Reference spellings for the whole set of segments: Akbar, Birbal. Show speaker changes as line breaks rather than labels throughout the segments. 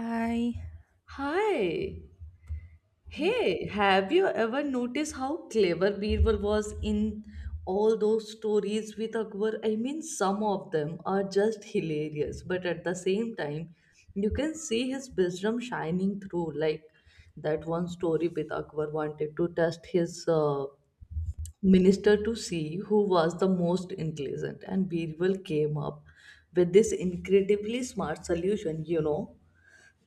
嗨，
Hi. Hey, have you ever noticed how clever Birbal was in all those stories with Akbar? I mean, some of them are just hilarious, but at the same time, you can see his wisdom shining through. Like that one story with Akbar wanted to test his minister to see who was the most intelligent, and Birbal came up with this incredibly smart solution, you know,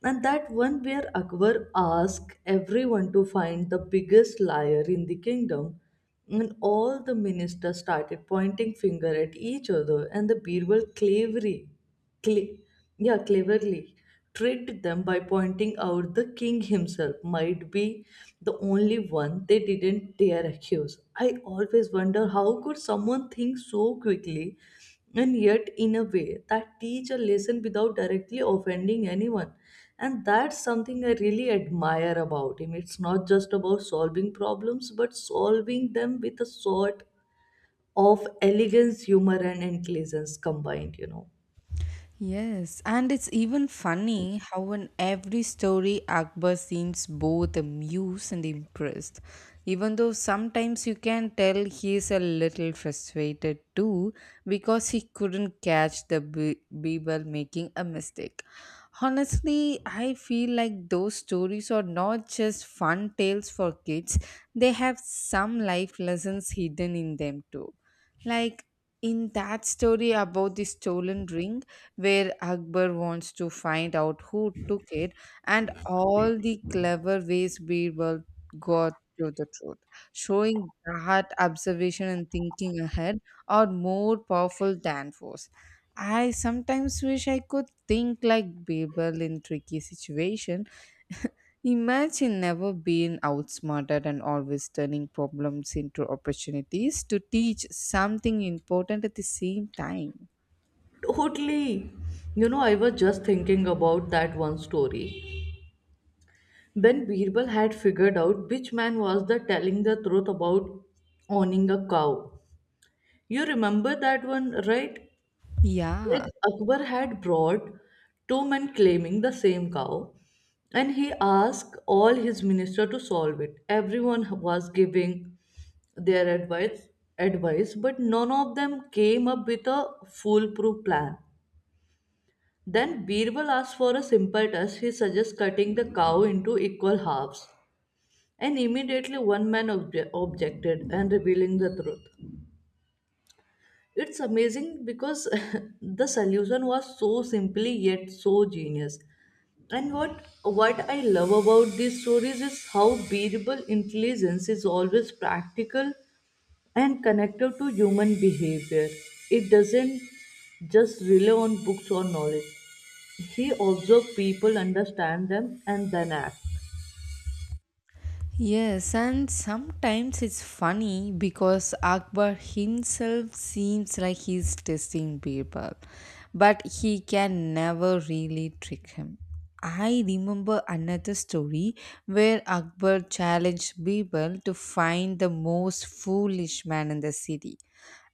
and that one where Akbar asked everyone to find the biggest liar in the kingdom, and all the ministers started pointing finger at each other, and the Birbal cleverly, cle- yeah, cleverly tricked them by pointing out the king himself might be the only one they didn't dare accuse. I always wonder how could someone think so quickly and yet in a way that teach a lesson without directly offending anyone, and that's something I really admire about him. It's not just about solving problems but solving them with a sort of elegance, humor, and intelligence combined, you know.
Yes, and it's even funny how in every story Akbar seems both amused and impressed. Even though sometimes you can tell he is a little frustrated too because he couldn't catch the Birbal making a mistake. Honestly, I feel like those stories are not just fun tales for kids, they have some life lessons hidden in them too. Like in that story about the stolen ring, where Akbar wants to find out who took it and all the clever ways Birbal got to the truth, showing that observation and thinking ahead are more powerful than force. I sometimes wish I could think like Birbal in tricky situation. Imagine never being outsmarted and always turning problems into opportunities to teach something important at the same time.
Totally. You know, I was just thinking about that one story when Birbal had figured out which man was the telling the truth about owning a cow. You remember that one, right?
Yeah,
Like Akbar had brought two men claiming the same cow, and he asked all his ministers to solve it. Everyone was giving their advice, advice, but none of them came up with a foolproof plan. Then Birbal asked for a simple task. He suggests cutting the cow into equal halves, and immediately one man objected and revealing the truth. It's amazing because the solution was so simply yet so genius. And what I love about these stories is how bearable intelligence is always practical and connected to human behavior. It doesn't just rely on books or knowledge. He observed people, understand them, and then act.
yes, and sometimes it's funny because Akbar himself seems like he's testing people, but he can never really trick him. I remember another story where Akbar challenged people to find the most foolish man in the city.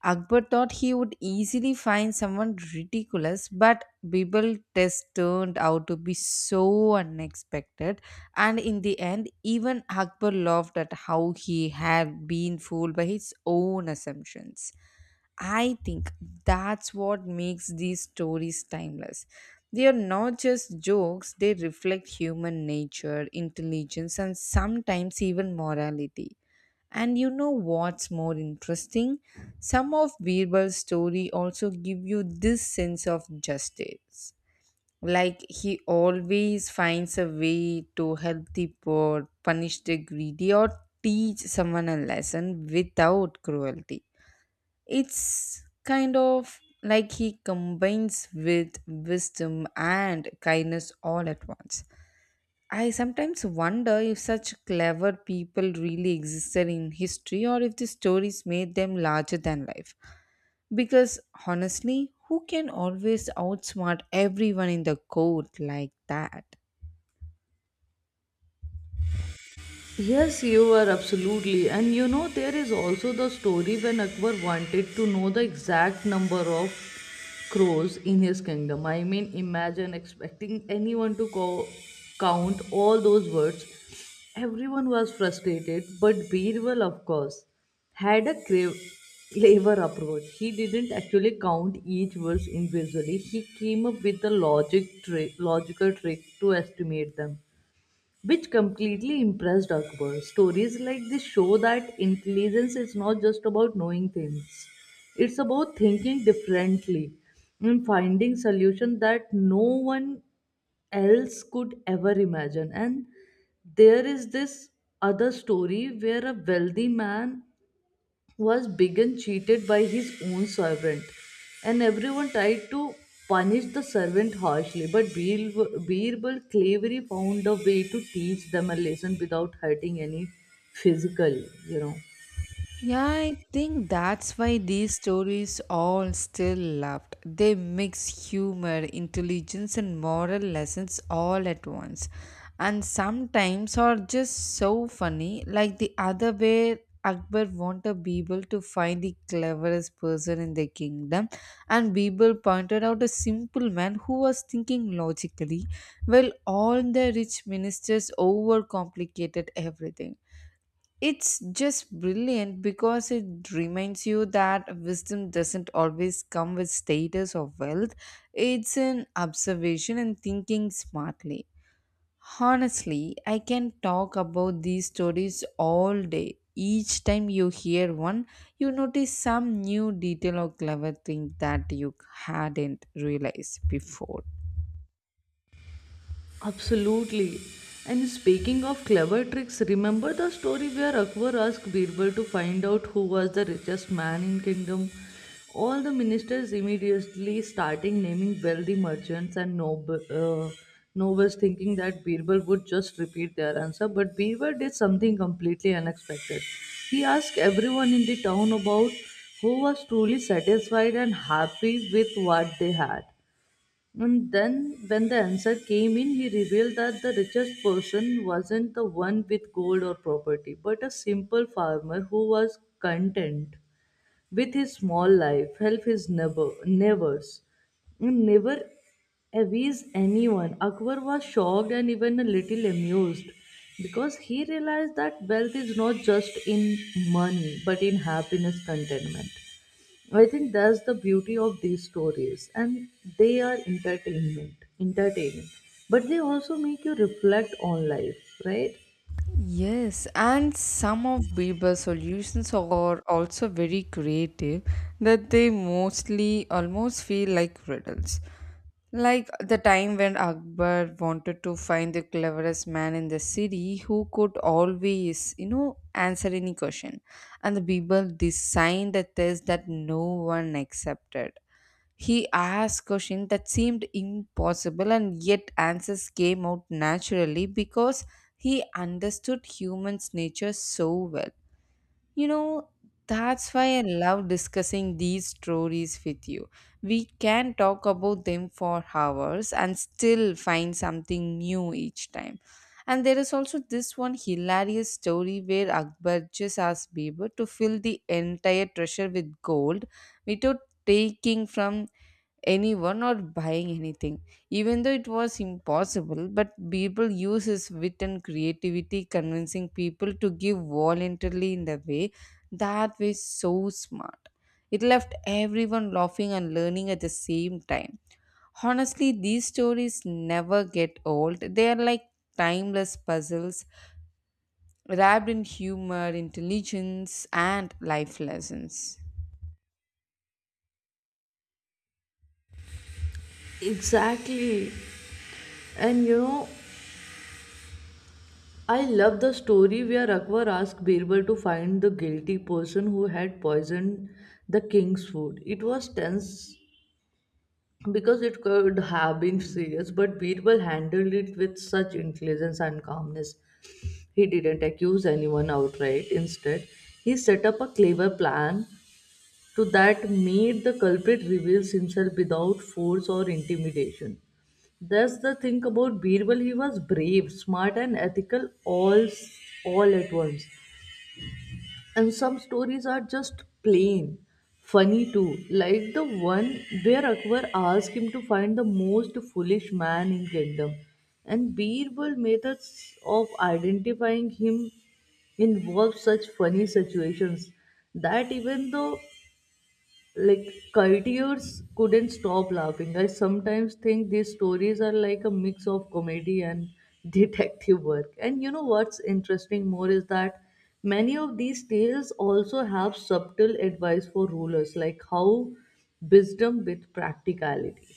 Akbar thought he would easily find someone ridiculous, but Bibal's test turned out to be so unexpected, and in the end, even Akbar laughed at how he had been fooled by his own assumptions. I think that's what makes these stories timeless. They are not just jokes, they reflect human nature, intelligence, and sometimes even morality. And you know what's more interesting? Some of Birbal's story also give you this sense of justice. Like he always finds a way to help the poor, punish the greedy, or teach someone a lesson without cruelty. It's kind of like he combines with wisdom and kindness all at once. I sometimes wonder if such clever people really existed in history or if the stories made them larger than life. Because honestly, who can always outsmart everyone in the court like that?
Yes, you are absolutely. And you know, there is also the story when Akbar wanted to know the exact number of crows in his kingdom. I mean, imagine expecting anyone to count all those words. Everyone was frustrated, but Birbal, of course, had a clever approach. He didn't actually count each word individually. He came up with a logical trick to estimate them, which completely impressed Akbar. Stories like this show that intelligence is not just about knowing things, it's about thinking differently and finding solutions that no one else could ever imagine. And there is this other story where a wealthy man was begun cheated by his own servant, and everyone tried to punish the servant harshly. But Birbal cleverly found a way to teach them a lesson without hurting any physical, you know.
Yeah, I think that's why these stories all still loved. They mix humor, intelligence, and moral lessons all at once. And sometimes are just so funny, like the other way Akbar wanted people to find the cleverest person in the kingdom, and people pointed out a simple man who was thinking logically, while all the rich ministers overcomplicated everything. It's just brilliant because it reminds you that wisdom doesn't always come with status or wealth. It's an observation and thinking smartly. Honestly, I can talk about these stories all day. Each time you hear one, you notice some new detail or clever thing that you hadn't realized before.
Absolutely. And speaking of clever tricks, remember the story where Akbar asked Birbal to find out who was the richest man in kingdom? All the ministers immediately starting naming wealthy merchants and nobles, thinking that Birbal would just repeat their answer, but Birbal did something completely unexpected. He asked everyone in the town about who was truly satisfied and happy with what they had. And then, when the answer came in, he revealed that the richest person wasn't the one with gold or property, but a simple farmer who was content with his small life, help his neighbors, and never avise anyone. Akbar was shocked and even a little amused because he realized that wealth is not just in money but in happiness, contentment. I think that's the beauty of these stories, and they are entertaining, but they also make you reflect on life, right?
Yes, and some of Bieber's solutions are also very creative that they mostly almost feel like riddles. Like the time when Akbar wanted to find the cleverest man in the city who could always, you know, answer any question. And the Bieber designed a test that no one accepted. He asked questions that seemed impossible, and yet answers came out naturally because he understood humans' nature so well. You know, that's why I love discussing these stories with you. We can talk about them for hours and still find something new each time. And there is also this one hilarious story where Akbar just asked Biber to fill the entire treasure with gold without taking from anyone or buying anything, even though it was impossible. But people use his wit and creativity, convincing people to give voluntarily in the way that was so smart. It left everyone laughing and learning at the same time. Honestly, these stories never get old. They are like timeless puzzles wrapped in humor, intelligence, and life lessons.
Exactly. And you know, I love the story where Akbar asked Birbal to find the guilty person who had poisoned the king's food. It was tense because it could have been serious, but Birbal handled it with such intelligence and calmness. He didn't accuse anyone outright. Instead, he set up a clever plan to that mate, the culprit reveals himself without force or intimidation. That's the thing about Birbal. He was brave, smart, and ethical all at once. And some stories are just plain funny too, like the one where Akbar asked him to find the most foolish man in kingdom. And Birbal methods of identifying him involve such funny situations that even though like courtiers couldn't stop laughing. I sometimes think these stories are like a mix of comedy and detective work. And you know what's interesting more is that many of these tales also have subtle advice for rulers, like how wisdom with practicality.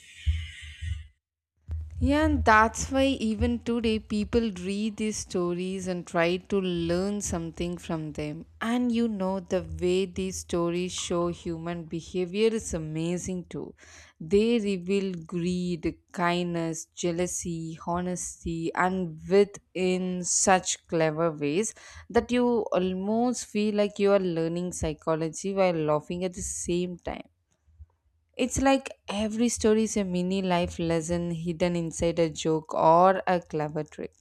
Yeah, and that's why even today people read these stories and try to learn something from them. And you know, the way these stories show human behavior is amazing too. They reveal greed, kindness, jealousy, honesty, and wit in such clever ways that you almost feel like you are learning psychology while laughing at the same time. It's like every story is a mini life lesson hidden inside a joke or a clever trick.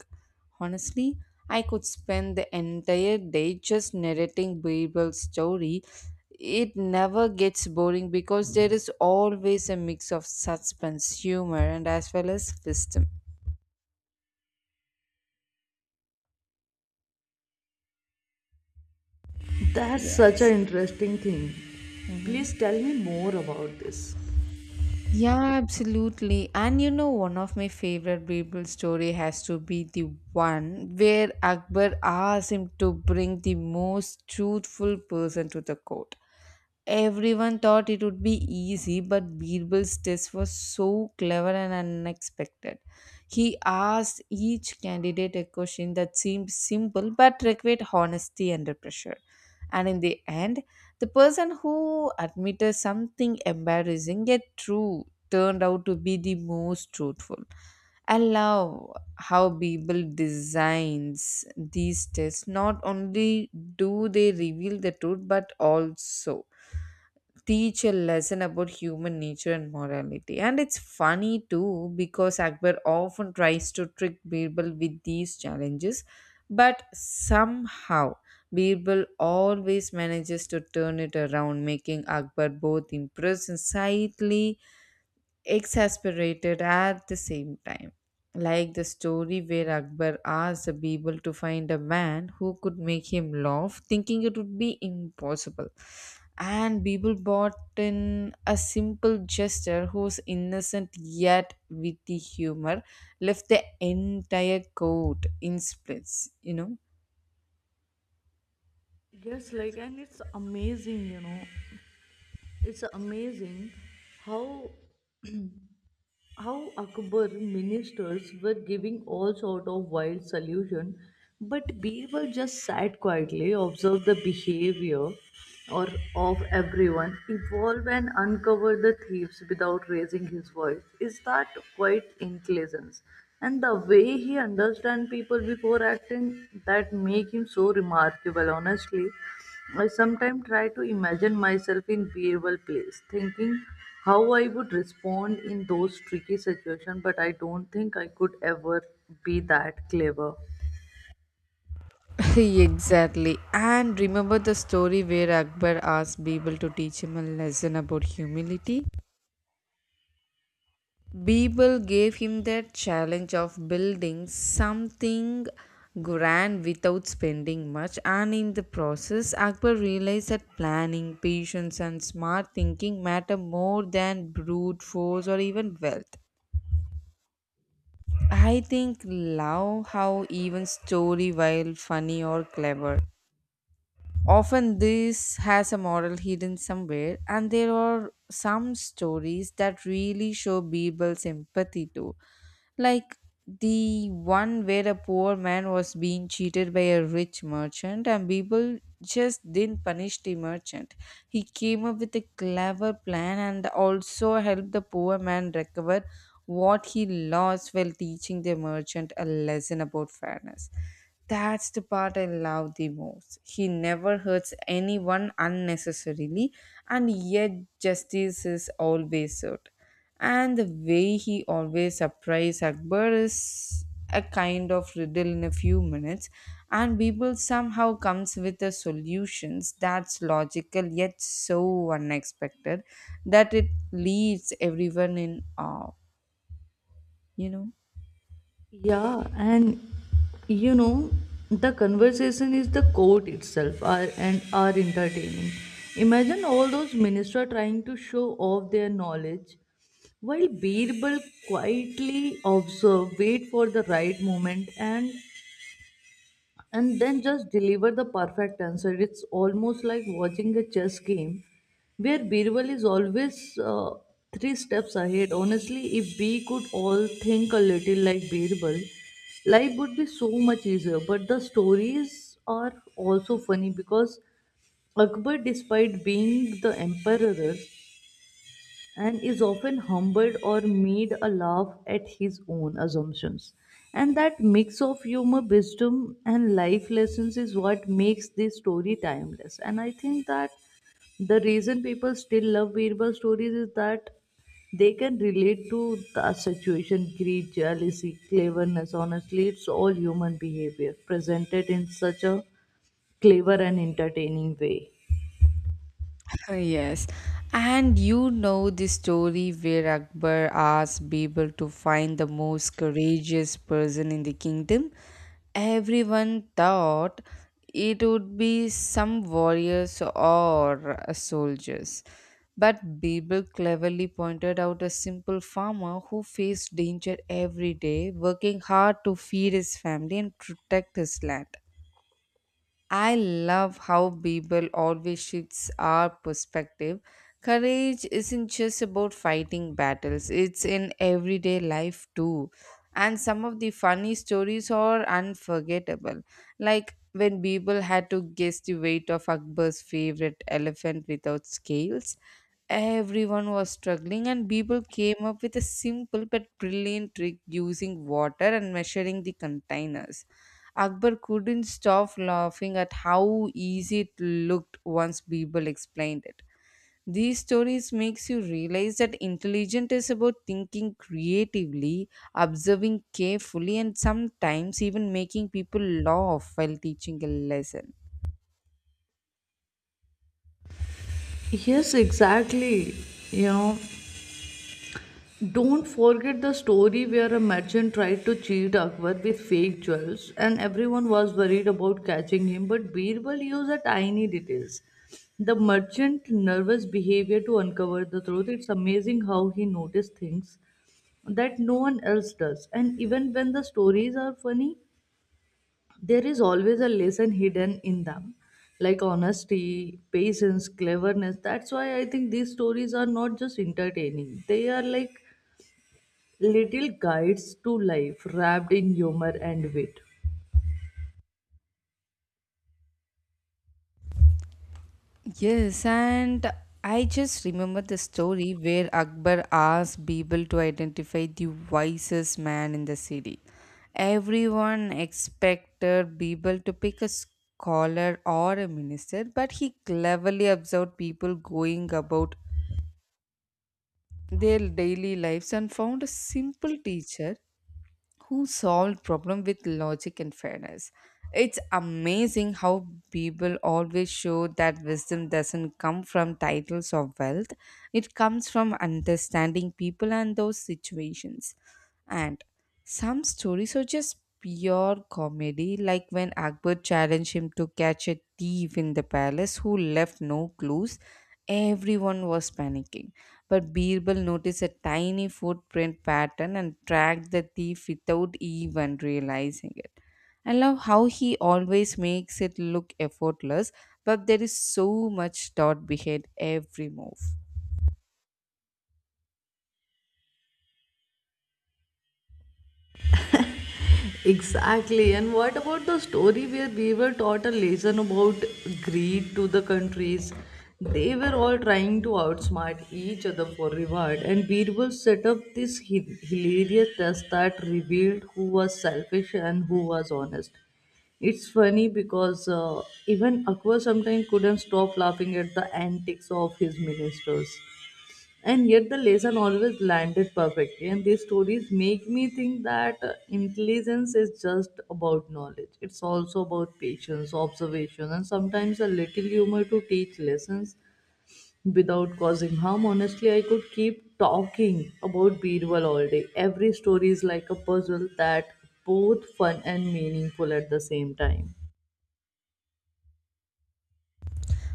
Honestly, I could spend the entire day just narrating Bible's story. It never gets boring because there is always a mix of suspense, humor, and as well as wisdom.
That's such an
Yes.
interesting thing.
Mhm.
Please tell me more about this.
Yeah, absolutely. And you know, one of my favorite Bible story has to be the one where Akbar asks him to bring the most truthful person to the court. Everyone thought it would be easy, but Birbal's test was so clever and unexpected. He asked each candidate a question that seemed simple but required honesty under pressure. And in the end, the person who admitted something embarrassing yet true turned out to be the most truthful. I love how Bible designs these tests. Not only do they reveal the truth, but also teach a lesson about human nature and morality. And it's funny too because Akbar often tries to trick Birbal with these challenges, but somehow Birbal always manages to turn it around, making Akbar both impressed and slightly exasperated at the same time. Like the story where Akbar asked the people to find a man who could make him laugh, thinking it would be impossible. And people bought in a simple gesture whose innocent yet witty humor left the entire court in splits, you know.
Yes, like, and it's amazing, you know, it's amazing how Akbar ministers were giving all sort of wild solution, but Birbal just sat quietly, observed the behavior or of everyone, evolve and uncover the thieves without raising his voice. Is that quite intelligence? And the way he understand people before acting that make him so remarkable, honestly. I sometimes try to imagine myself in Birbal place, thinking how I would respond in those tricky situations, but I don't think I could ever be that clever.
Exactly. And remember the story where Akbar asked Bible to teach him a lesson about humility? People gave him the challenge of building something grand without spending much, and in the process, Akbar realized that planning, patience, and smart thinking matter more than brute force or even wealth. I think love how even story while funny or clever often, this has a moral hidden somewhere, and there are some stories that really show people's empathy too. Like the one where a poor man was being cheated by a rich merchant, and people just didn't punish the merchant. He came up with a clever plan and also helped the poor man recover what he lost while teaching the merchant a lesson about fairness. That's the part I love the most. He never hurts anyone unnecessarily, and yet justice is always served. And the way he always surprises Akbar is a kind of riddle in a few minutes, and Bible somehow comes with the solutions that's logical yet so unexpected that it leaves everyone in awe, you know.
Yeah, and you know, the conversation is the court itself are, and are entertaining. Imagine all those ministers trying to show off their knowledge while Birbal quietly observe, wait for the right moment, and then just deliver the perfect answer. It's almost like watching a chess game where Birbal is always three steps ahead. Honestly, if we could all think a little like Birbal, life would be so much easier. But the stories are also funny because Akbar, despite being the emperor, and is often humbled or made a laugh at his own assumptions. And that mix of humor, wisdom, and life lessons is what makes this story timeless. And I think that the reason people still love Birbal stories is that they can relate to the situation, greed, jealousy, cleverness. Honestly, it's all human behavior presented in such a clever and entertaining way.
Yes, and you know the story where Akbar asked Birbal to find the most courageous person in the kingdom. Everyone thought it would be some warriors or soldiers, but Birbal cleverly pointed out a simple farmer who faced danger every day, working hard to feed his family and protect his land. I love how Bible always shifts our perspective. Courage isn't just about fighting battles, it's in everyday life too. And some of the funny stories are unforgettable. Like when Bible had to guess the weight of Akbar's favorite elephant without scales, everyone was struggling, and Bible came up with a simple but brilliant trick using water and measuring the containers. Akbar couldn't stop laughing at how easy it looked once Birbal explained it. These stories makes you realize that intelligence is about thinking creatively, observing carefully and sometimes even making people laugh while teaching a lesson.
Yes, exactly. You know, don't forget the story where a merchant tried to cheat Akbar with fake jewels and everyone was worried about catching him, but Birbal used a tiny details. The merchant nervous behavior to uncover the truth. It's amazing how he noticed things that no one else does. And even when the stories are funny, there is always a lesson hidden in them, like honesty, patience, cleverness. That's why I think these stories are not just entertaining. They are like little guides to life wrapped in humor and wit.
Yes, and I just remember the story where Akbar asked people to identify the wisest man in the city. Everyone expected people to pick a scholar or a minister, but he cleverly observed people going about their daily lives and found a simple teacher who solved problem with logic and fairness. It's amazing how people always show that wisdom doesn't come from titles or wealth. It comes from understanding people and those situations. And some stories are just pure comedy, like when Akbar challenged him to catch a thief in the palace who left no clues. Everyone was panicking, but Birbal noticed a tiny footprint pattern and tracked the thief without even realizing it. I love how he always makes it look effortless, but there is so much thought behind every move.
Exactly. And what about the story where we were taught a lesson about greed to the countries? They were all trying to outsmart each other for reward, and Birbal set up this hilarious test that revealed who was selfish and who was honest. It's funny because even Akbar sometimes couldn't stop laughing at the antics of his ministers. And yet the lesson always landed perfectly. And these stories make me think that intelligence is just about knowledge. It's also about patience, observation, and sometimes a little humor to teach lessons without causing harm. Honestly, I could keep talking about Birbal all day. Every story is like a puzzle that both fun and meaningful at the same time.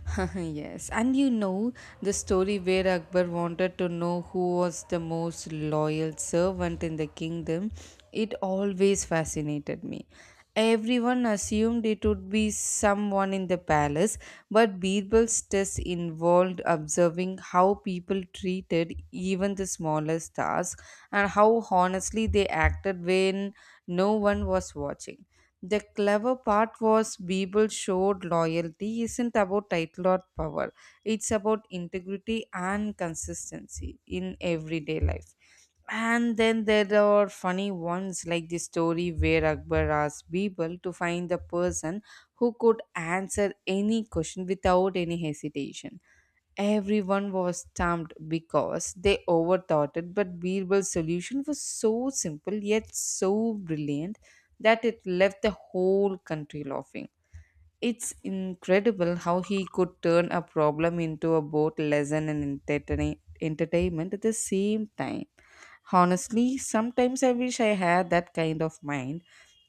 Yes, and you know the story where Akbar wanted to know who was the most loyal servant in the kingdom, it always fascinated me. Everyone assumed it would be someone in the palace, but Birbal's test involved observing how people treated even the smallest tasks and how honestly they acted when no one was watching. The clever part was Beeble showed loyalty isn't about title or power, it's about integrity and consistency in everyday life. And then there are funny ones like the story where Akbar asked Beeble to find the person who could answer any question without any hesitation. Everyone was stumped because they overthought it, but Birbal's solution was so simple yet so brilliant that it left the whole country laughing. It's incredible how he could turn a problem into a both lesson and entertainment at the same time. Honestly, sometimes I wish I had that kind of mind,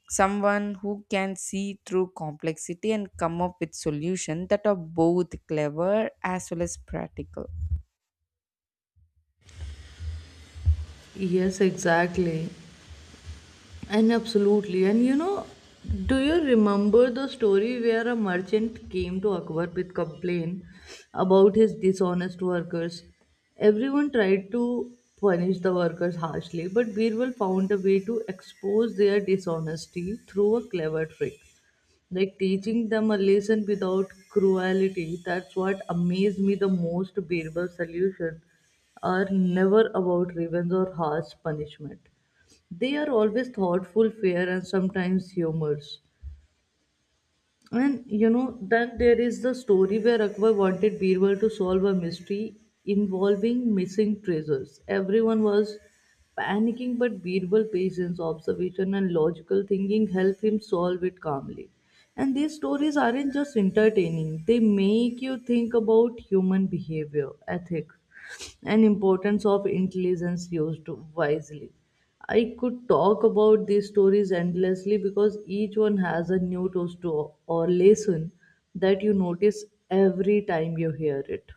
someone who can see through complexity and come up with solutions that are both clever as well as practical.
Yes, exactly. And absolutely. And you know, do you remember the story where a merchant came to Akbar with complaint about his dishonest workers? Everyone tried to punish the workers harshly, but Birbal found a way to expose their dishonesty through a clever trick. Like teaching them a lesson without cruelty. That's what amazed me the most. Birbal's solution are never about revenge or harsh punishment. They are always thoughtful, fair, and sometimes humorous. And you know, then there is the story where Akbar wanted Birbal to solve a mystery involving missing treasures. Everyone was panicking, but Birbal patience, observation, and logical thinking helped him solve it calmly. And these stories aren't just entertaining, they make you think about human behavior, ethics, and importance of intelligence used wisely. I could talk about these stories endlessly because each one has a new or lesson that you notice every time you hear it.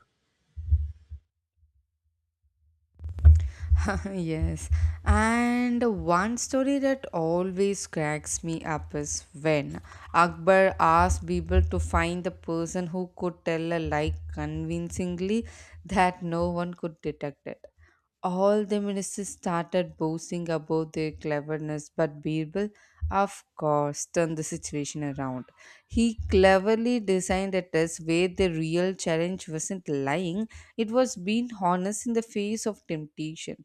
Yes, and one story that always cracks me up is when Akbar asked people to find the person who could tell a lie convincingly that no one could detect it. All the ministers started boasting about their cleverness, but Birbal, of course, turned the situation around. He cleverly designed a test where the real challenge wasn't lying, it was being honest in the face of temptation.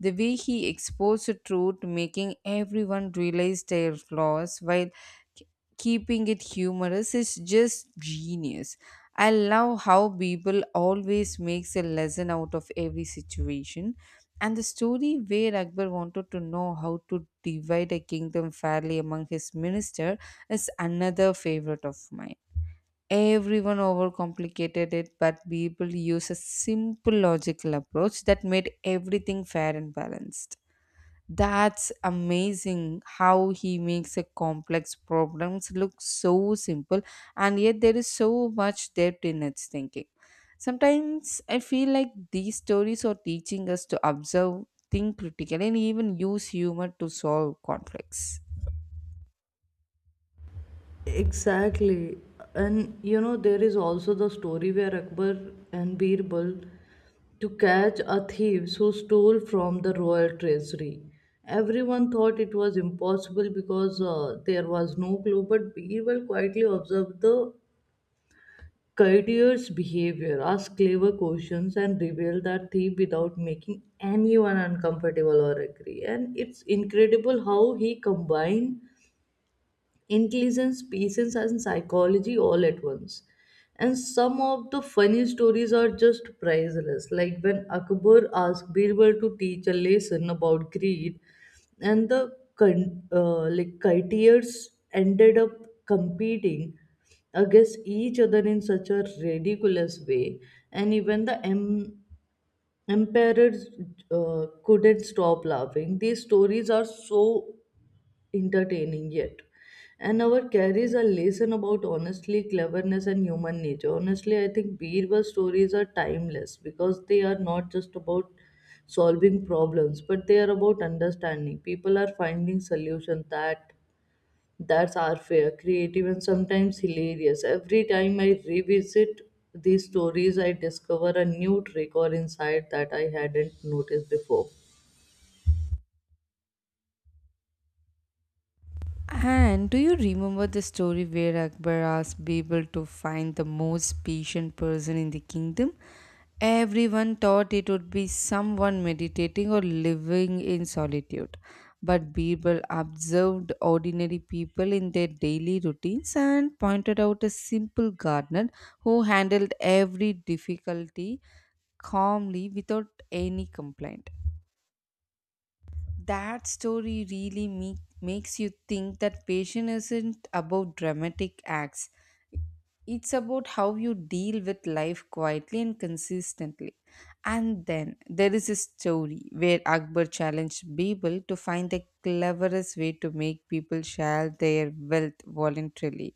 The way he exposed the truth, making everyone realize their flaws while k- keeping it humorous, is just genius. I love how people always makes a lesson out of every situation. And the story where Akbar wanted to know how to divide a kingdom fairly among his minister is another favorite of mine. Everyone overcomplicated it, but people use a simple logical approach that made everything fair and balanced. That's amazing how he makes a complex problems look so simple, and yet there is so much depth in its thinking. Sometimes I feel like these stories are teaching us to observe, think critically, and even use humor to solve conflicts.
Exactly. And you know, there is also the story where Akbar and Birbal to catch a thief who stole from the royal treasury. Everyone thought it was impossible because there was no clue, but Birbal quietly observed the courtier's behavior, ask clever questions, and reveal the thief without making anyone uncomfortable or angry. And it's incredible how he combined intelligence, patience, and psychology all at once. And some of the funny stories are just priceless. Like when Akbar asked Birbal to teach a lesson about greed, and the courtiers ended up competing against each other in such a ridiculous way, and even the emperors couldn't stop laughing. These stories are so entertaining yet. And our carries a lesson about honestly cleverness and human nature. Honestly, I think Birba's stories are timeless because they are not just about solving problems, but they are about understanding. People are finding solutions that that's are fair, creative, and sometimes hilarious. Every time I revisit these stories, I discover a new trick or insight that I hadn't noticed before.
And do you remember the story where Akbar asked Birbal to find the most patient person in the kingdom? Everyone thought it would be someone meditating or living in solitude. But Birbal observed ordinary people in their daily routines and pointed out a simple gardener who handled every difficulty calmly without any complaint. That story really makes you think that patience isn't about dramatic acts, it's about how you deal with life quietly and consistently. And then there is a story where Akbar challenged people to find the cleverest way to make people share their wealth voluntarily.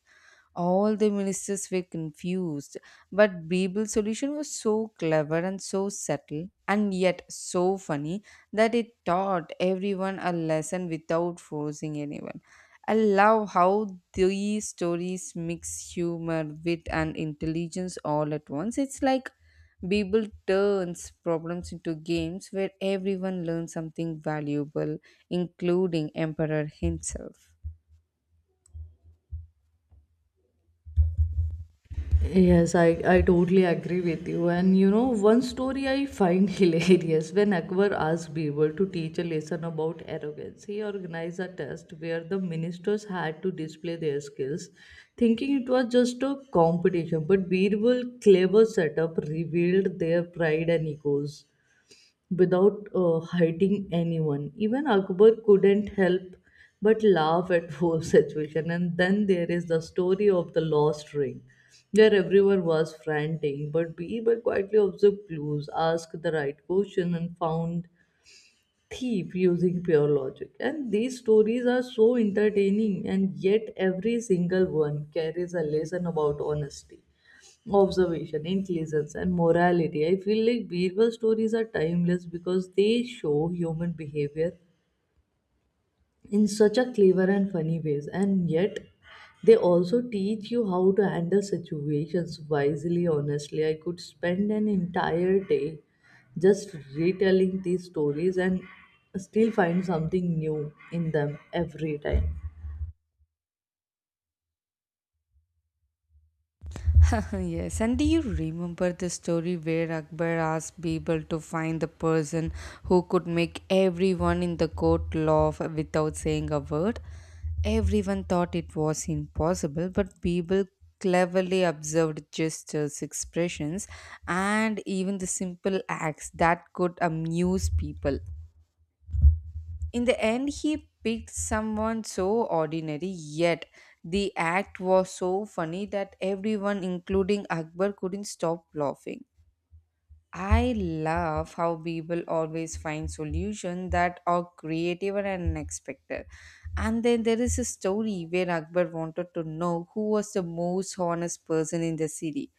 All the ministers were confused, but Bible's solution was so clever and so subtle, and yet so funny that it taught everyone a lesson without forcing anyone. I love how these stories mix humor, wit, and intelligence all at once. It's like Bible turns problems into games where everyone learns something valuable, including Emperor himself.
Yes, I totally agree with you. And you know, one story I find hilarious when Akbar asked Birbal to teach a lesson about arrogance. He organized a test where the ministers had to display their skills, thinking it was just a competition. But Birbal's clever setup revealed their pride and egos without hiding anyone. Even Akbar couldn't help but laugh at whole situation. And then there is the story of the lost ring, where everyone was frantic, but Biba quietly observed clues, asked the right question, and found thief using pure logic. And these stories are so entertaining, and yet every single one carries a lesson about honesty, observation, intelligence, and morality. I feel like Birbal stories are timeless because they show human behavior in such a clever and funny ways, and yet they also teach you how to handle situations wisely. Honestly, I could spend an entire day just retelling these stories and still find something new in them every time.
Yes, and do you remember the story where Akbar asked Birbal to find the person who could make everyone in the court laugh without saying a word? Everyone thought it was impossible, but Birbal cleverly observed gestures, expressions, and even the simple acts that could amuse people. In the end, he picked someone so ordinary, yet the act was so funny that everyone, including Akbar, couldn't stop laughing. I love how people always find solutions that are creative and unexpected. And then there is a story where Akbar wanted to know who was the most honest person in the city.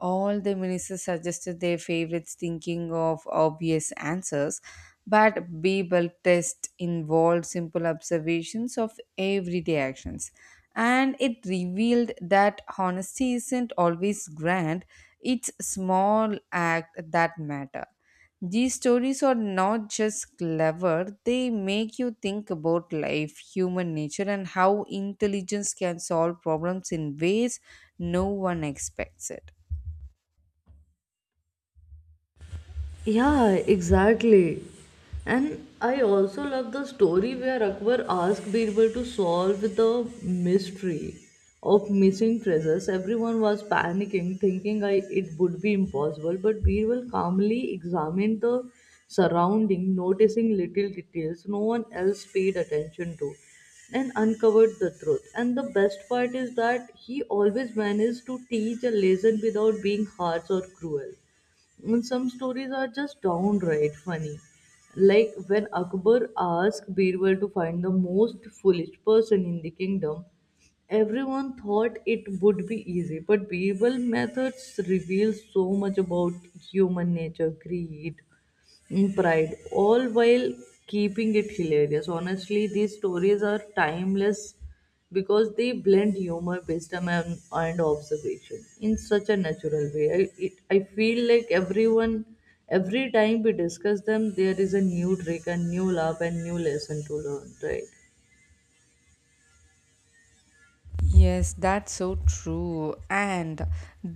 All the ministers suggested their favorites, thinking of obvious answers, but Babel test involved simple observations of everyday actions. And it revealed that honesty isn't always grand, it's small act that matter. These stories are not just clever, they make you think about life, human nature, and how intelligence can solve problems in ways no one expects it.
Yeah, exactly. And I also love the story where Akbar asked Birbal to solve the mystery of missing treasures. Everyone was panicking, thinking it would be impossible, but Birbal calmly examined the surrounding, noticing little details no one else paid attention to, and uncovered the truth. And the best part is that he always managed to teach a lesson without being harsh or cruel. And some stories are just downright funny. Like when Akbar asked Birbal to find the most foolish person in the kingdom, everyone thought it would be easy, but Birbal's methods reveal so much about human nature, greed, and pride, all while keeping it hilarious. Honestly, these stories are timeless because they blend humor, wisdom, and observation in such a natural way. I feel like everyone, every time we discuss them, there is a new trick, a new laugh, and new lesson to learn, right?
Yes, that's so true. And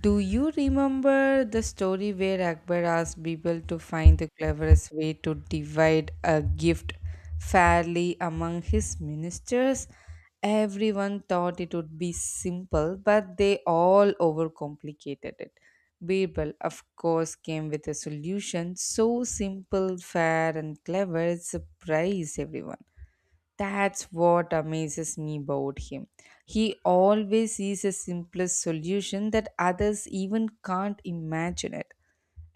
do you remember the story where Akbar asked people to find the cleverest way to divide a gift fairly among his ministers? Everyone thought it would be simple, but they all overcomplicated it. Birbal, of course, came with a solution so simple, fair, and clever it surprised everyone. That's what amazes me about him. He always sees a simplest solution that others even can't imagine it.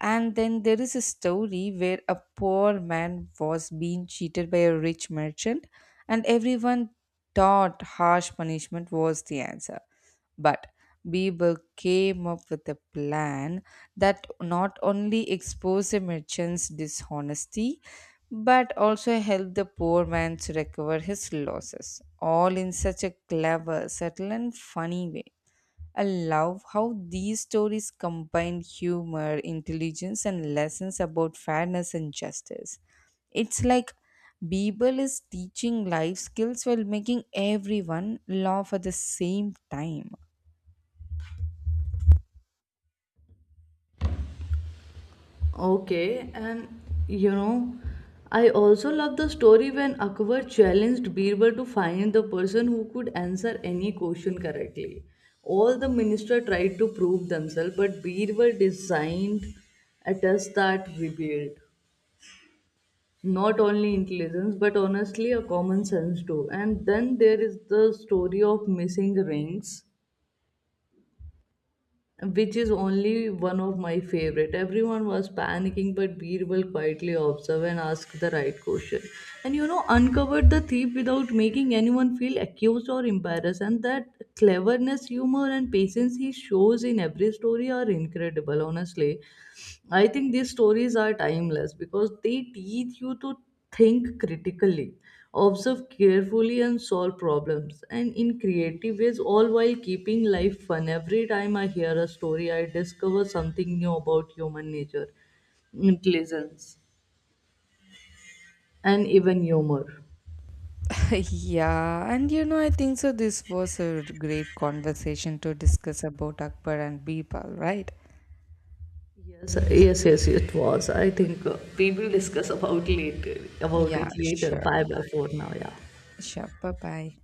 And then there is a story where a poor man was being cheated by a rich merchant, and everyone thought harsh punishment was the answer. But Bieber came up with a plan that not only exposed the merchant's dishonesty but also helped the poor man to recover his losses, all in such a clever, subtle, and funny way. I love how these stories combine humor, intelligence, and lessons about fairness and justice. It's like Bible is teaching life skills while making everyone laugh at the same time.
Okay, and you know, I also love the story when Akbar challenged Birbal to find the person who could answer any question correctly. All the minister tried to prove themselves, but Birbal designed a test that revealed. Not only intelligence, but honestly, a common sense too. And then there is the story of missing rings, which is only one of my favorite. Everyone was panicking, but Birbal quietly observed and asked the right question. And you know, uncovered the thief without making anyone feel accused or embarrassed. And that cleverness, humor, and patience he shows in every story are incredible, honestly. I think these stories are timeless because they teach you to think critically, observe carefully, and solve problems, and in creative ways, all while keeping life fun. Every time I hear a story, I discover something new about human nature, intelligence, and even humor.
Yeah, and you know, I think so. This was a great conversation to discuss about Akbar and Bible, right?
Yes, yes, yes, it was. I think we will discuss about later about
Yeah,
it later. Bye
sure.
bye for now. Yeah.
Sure. Bye bye.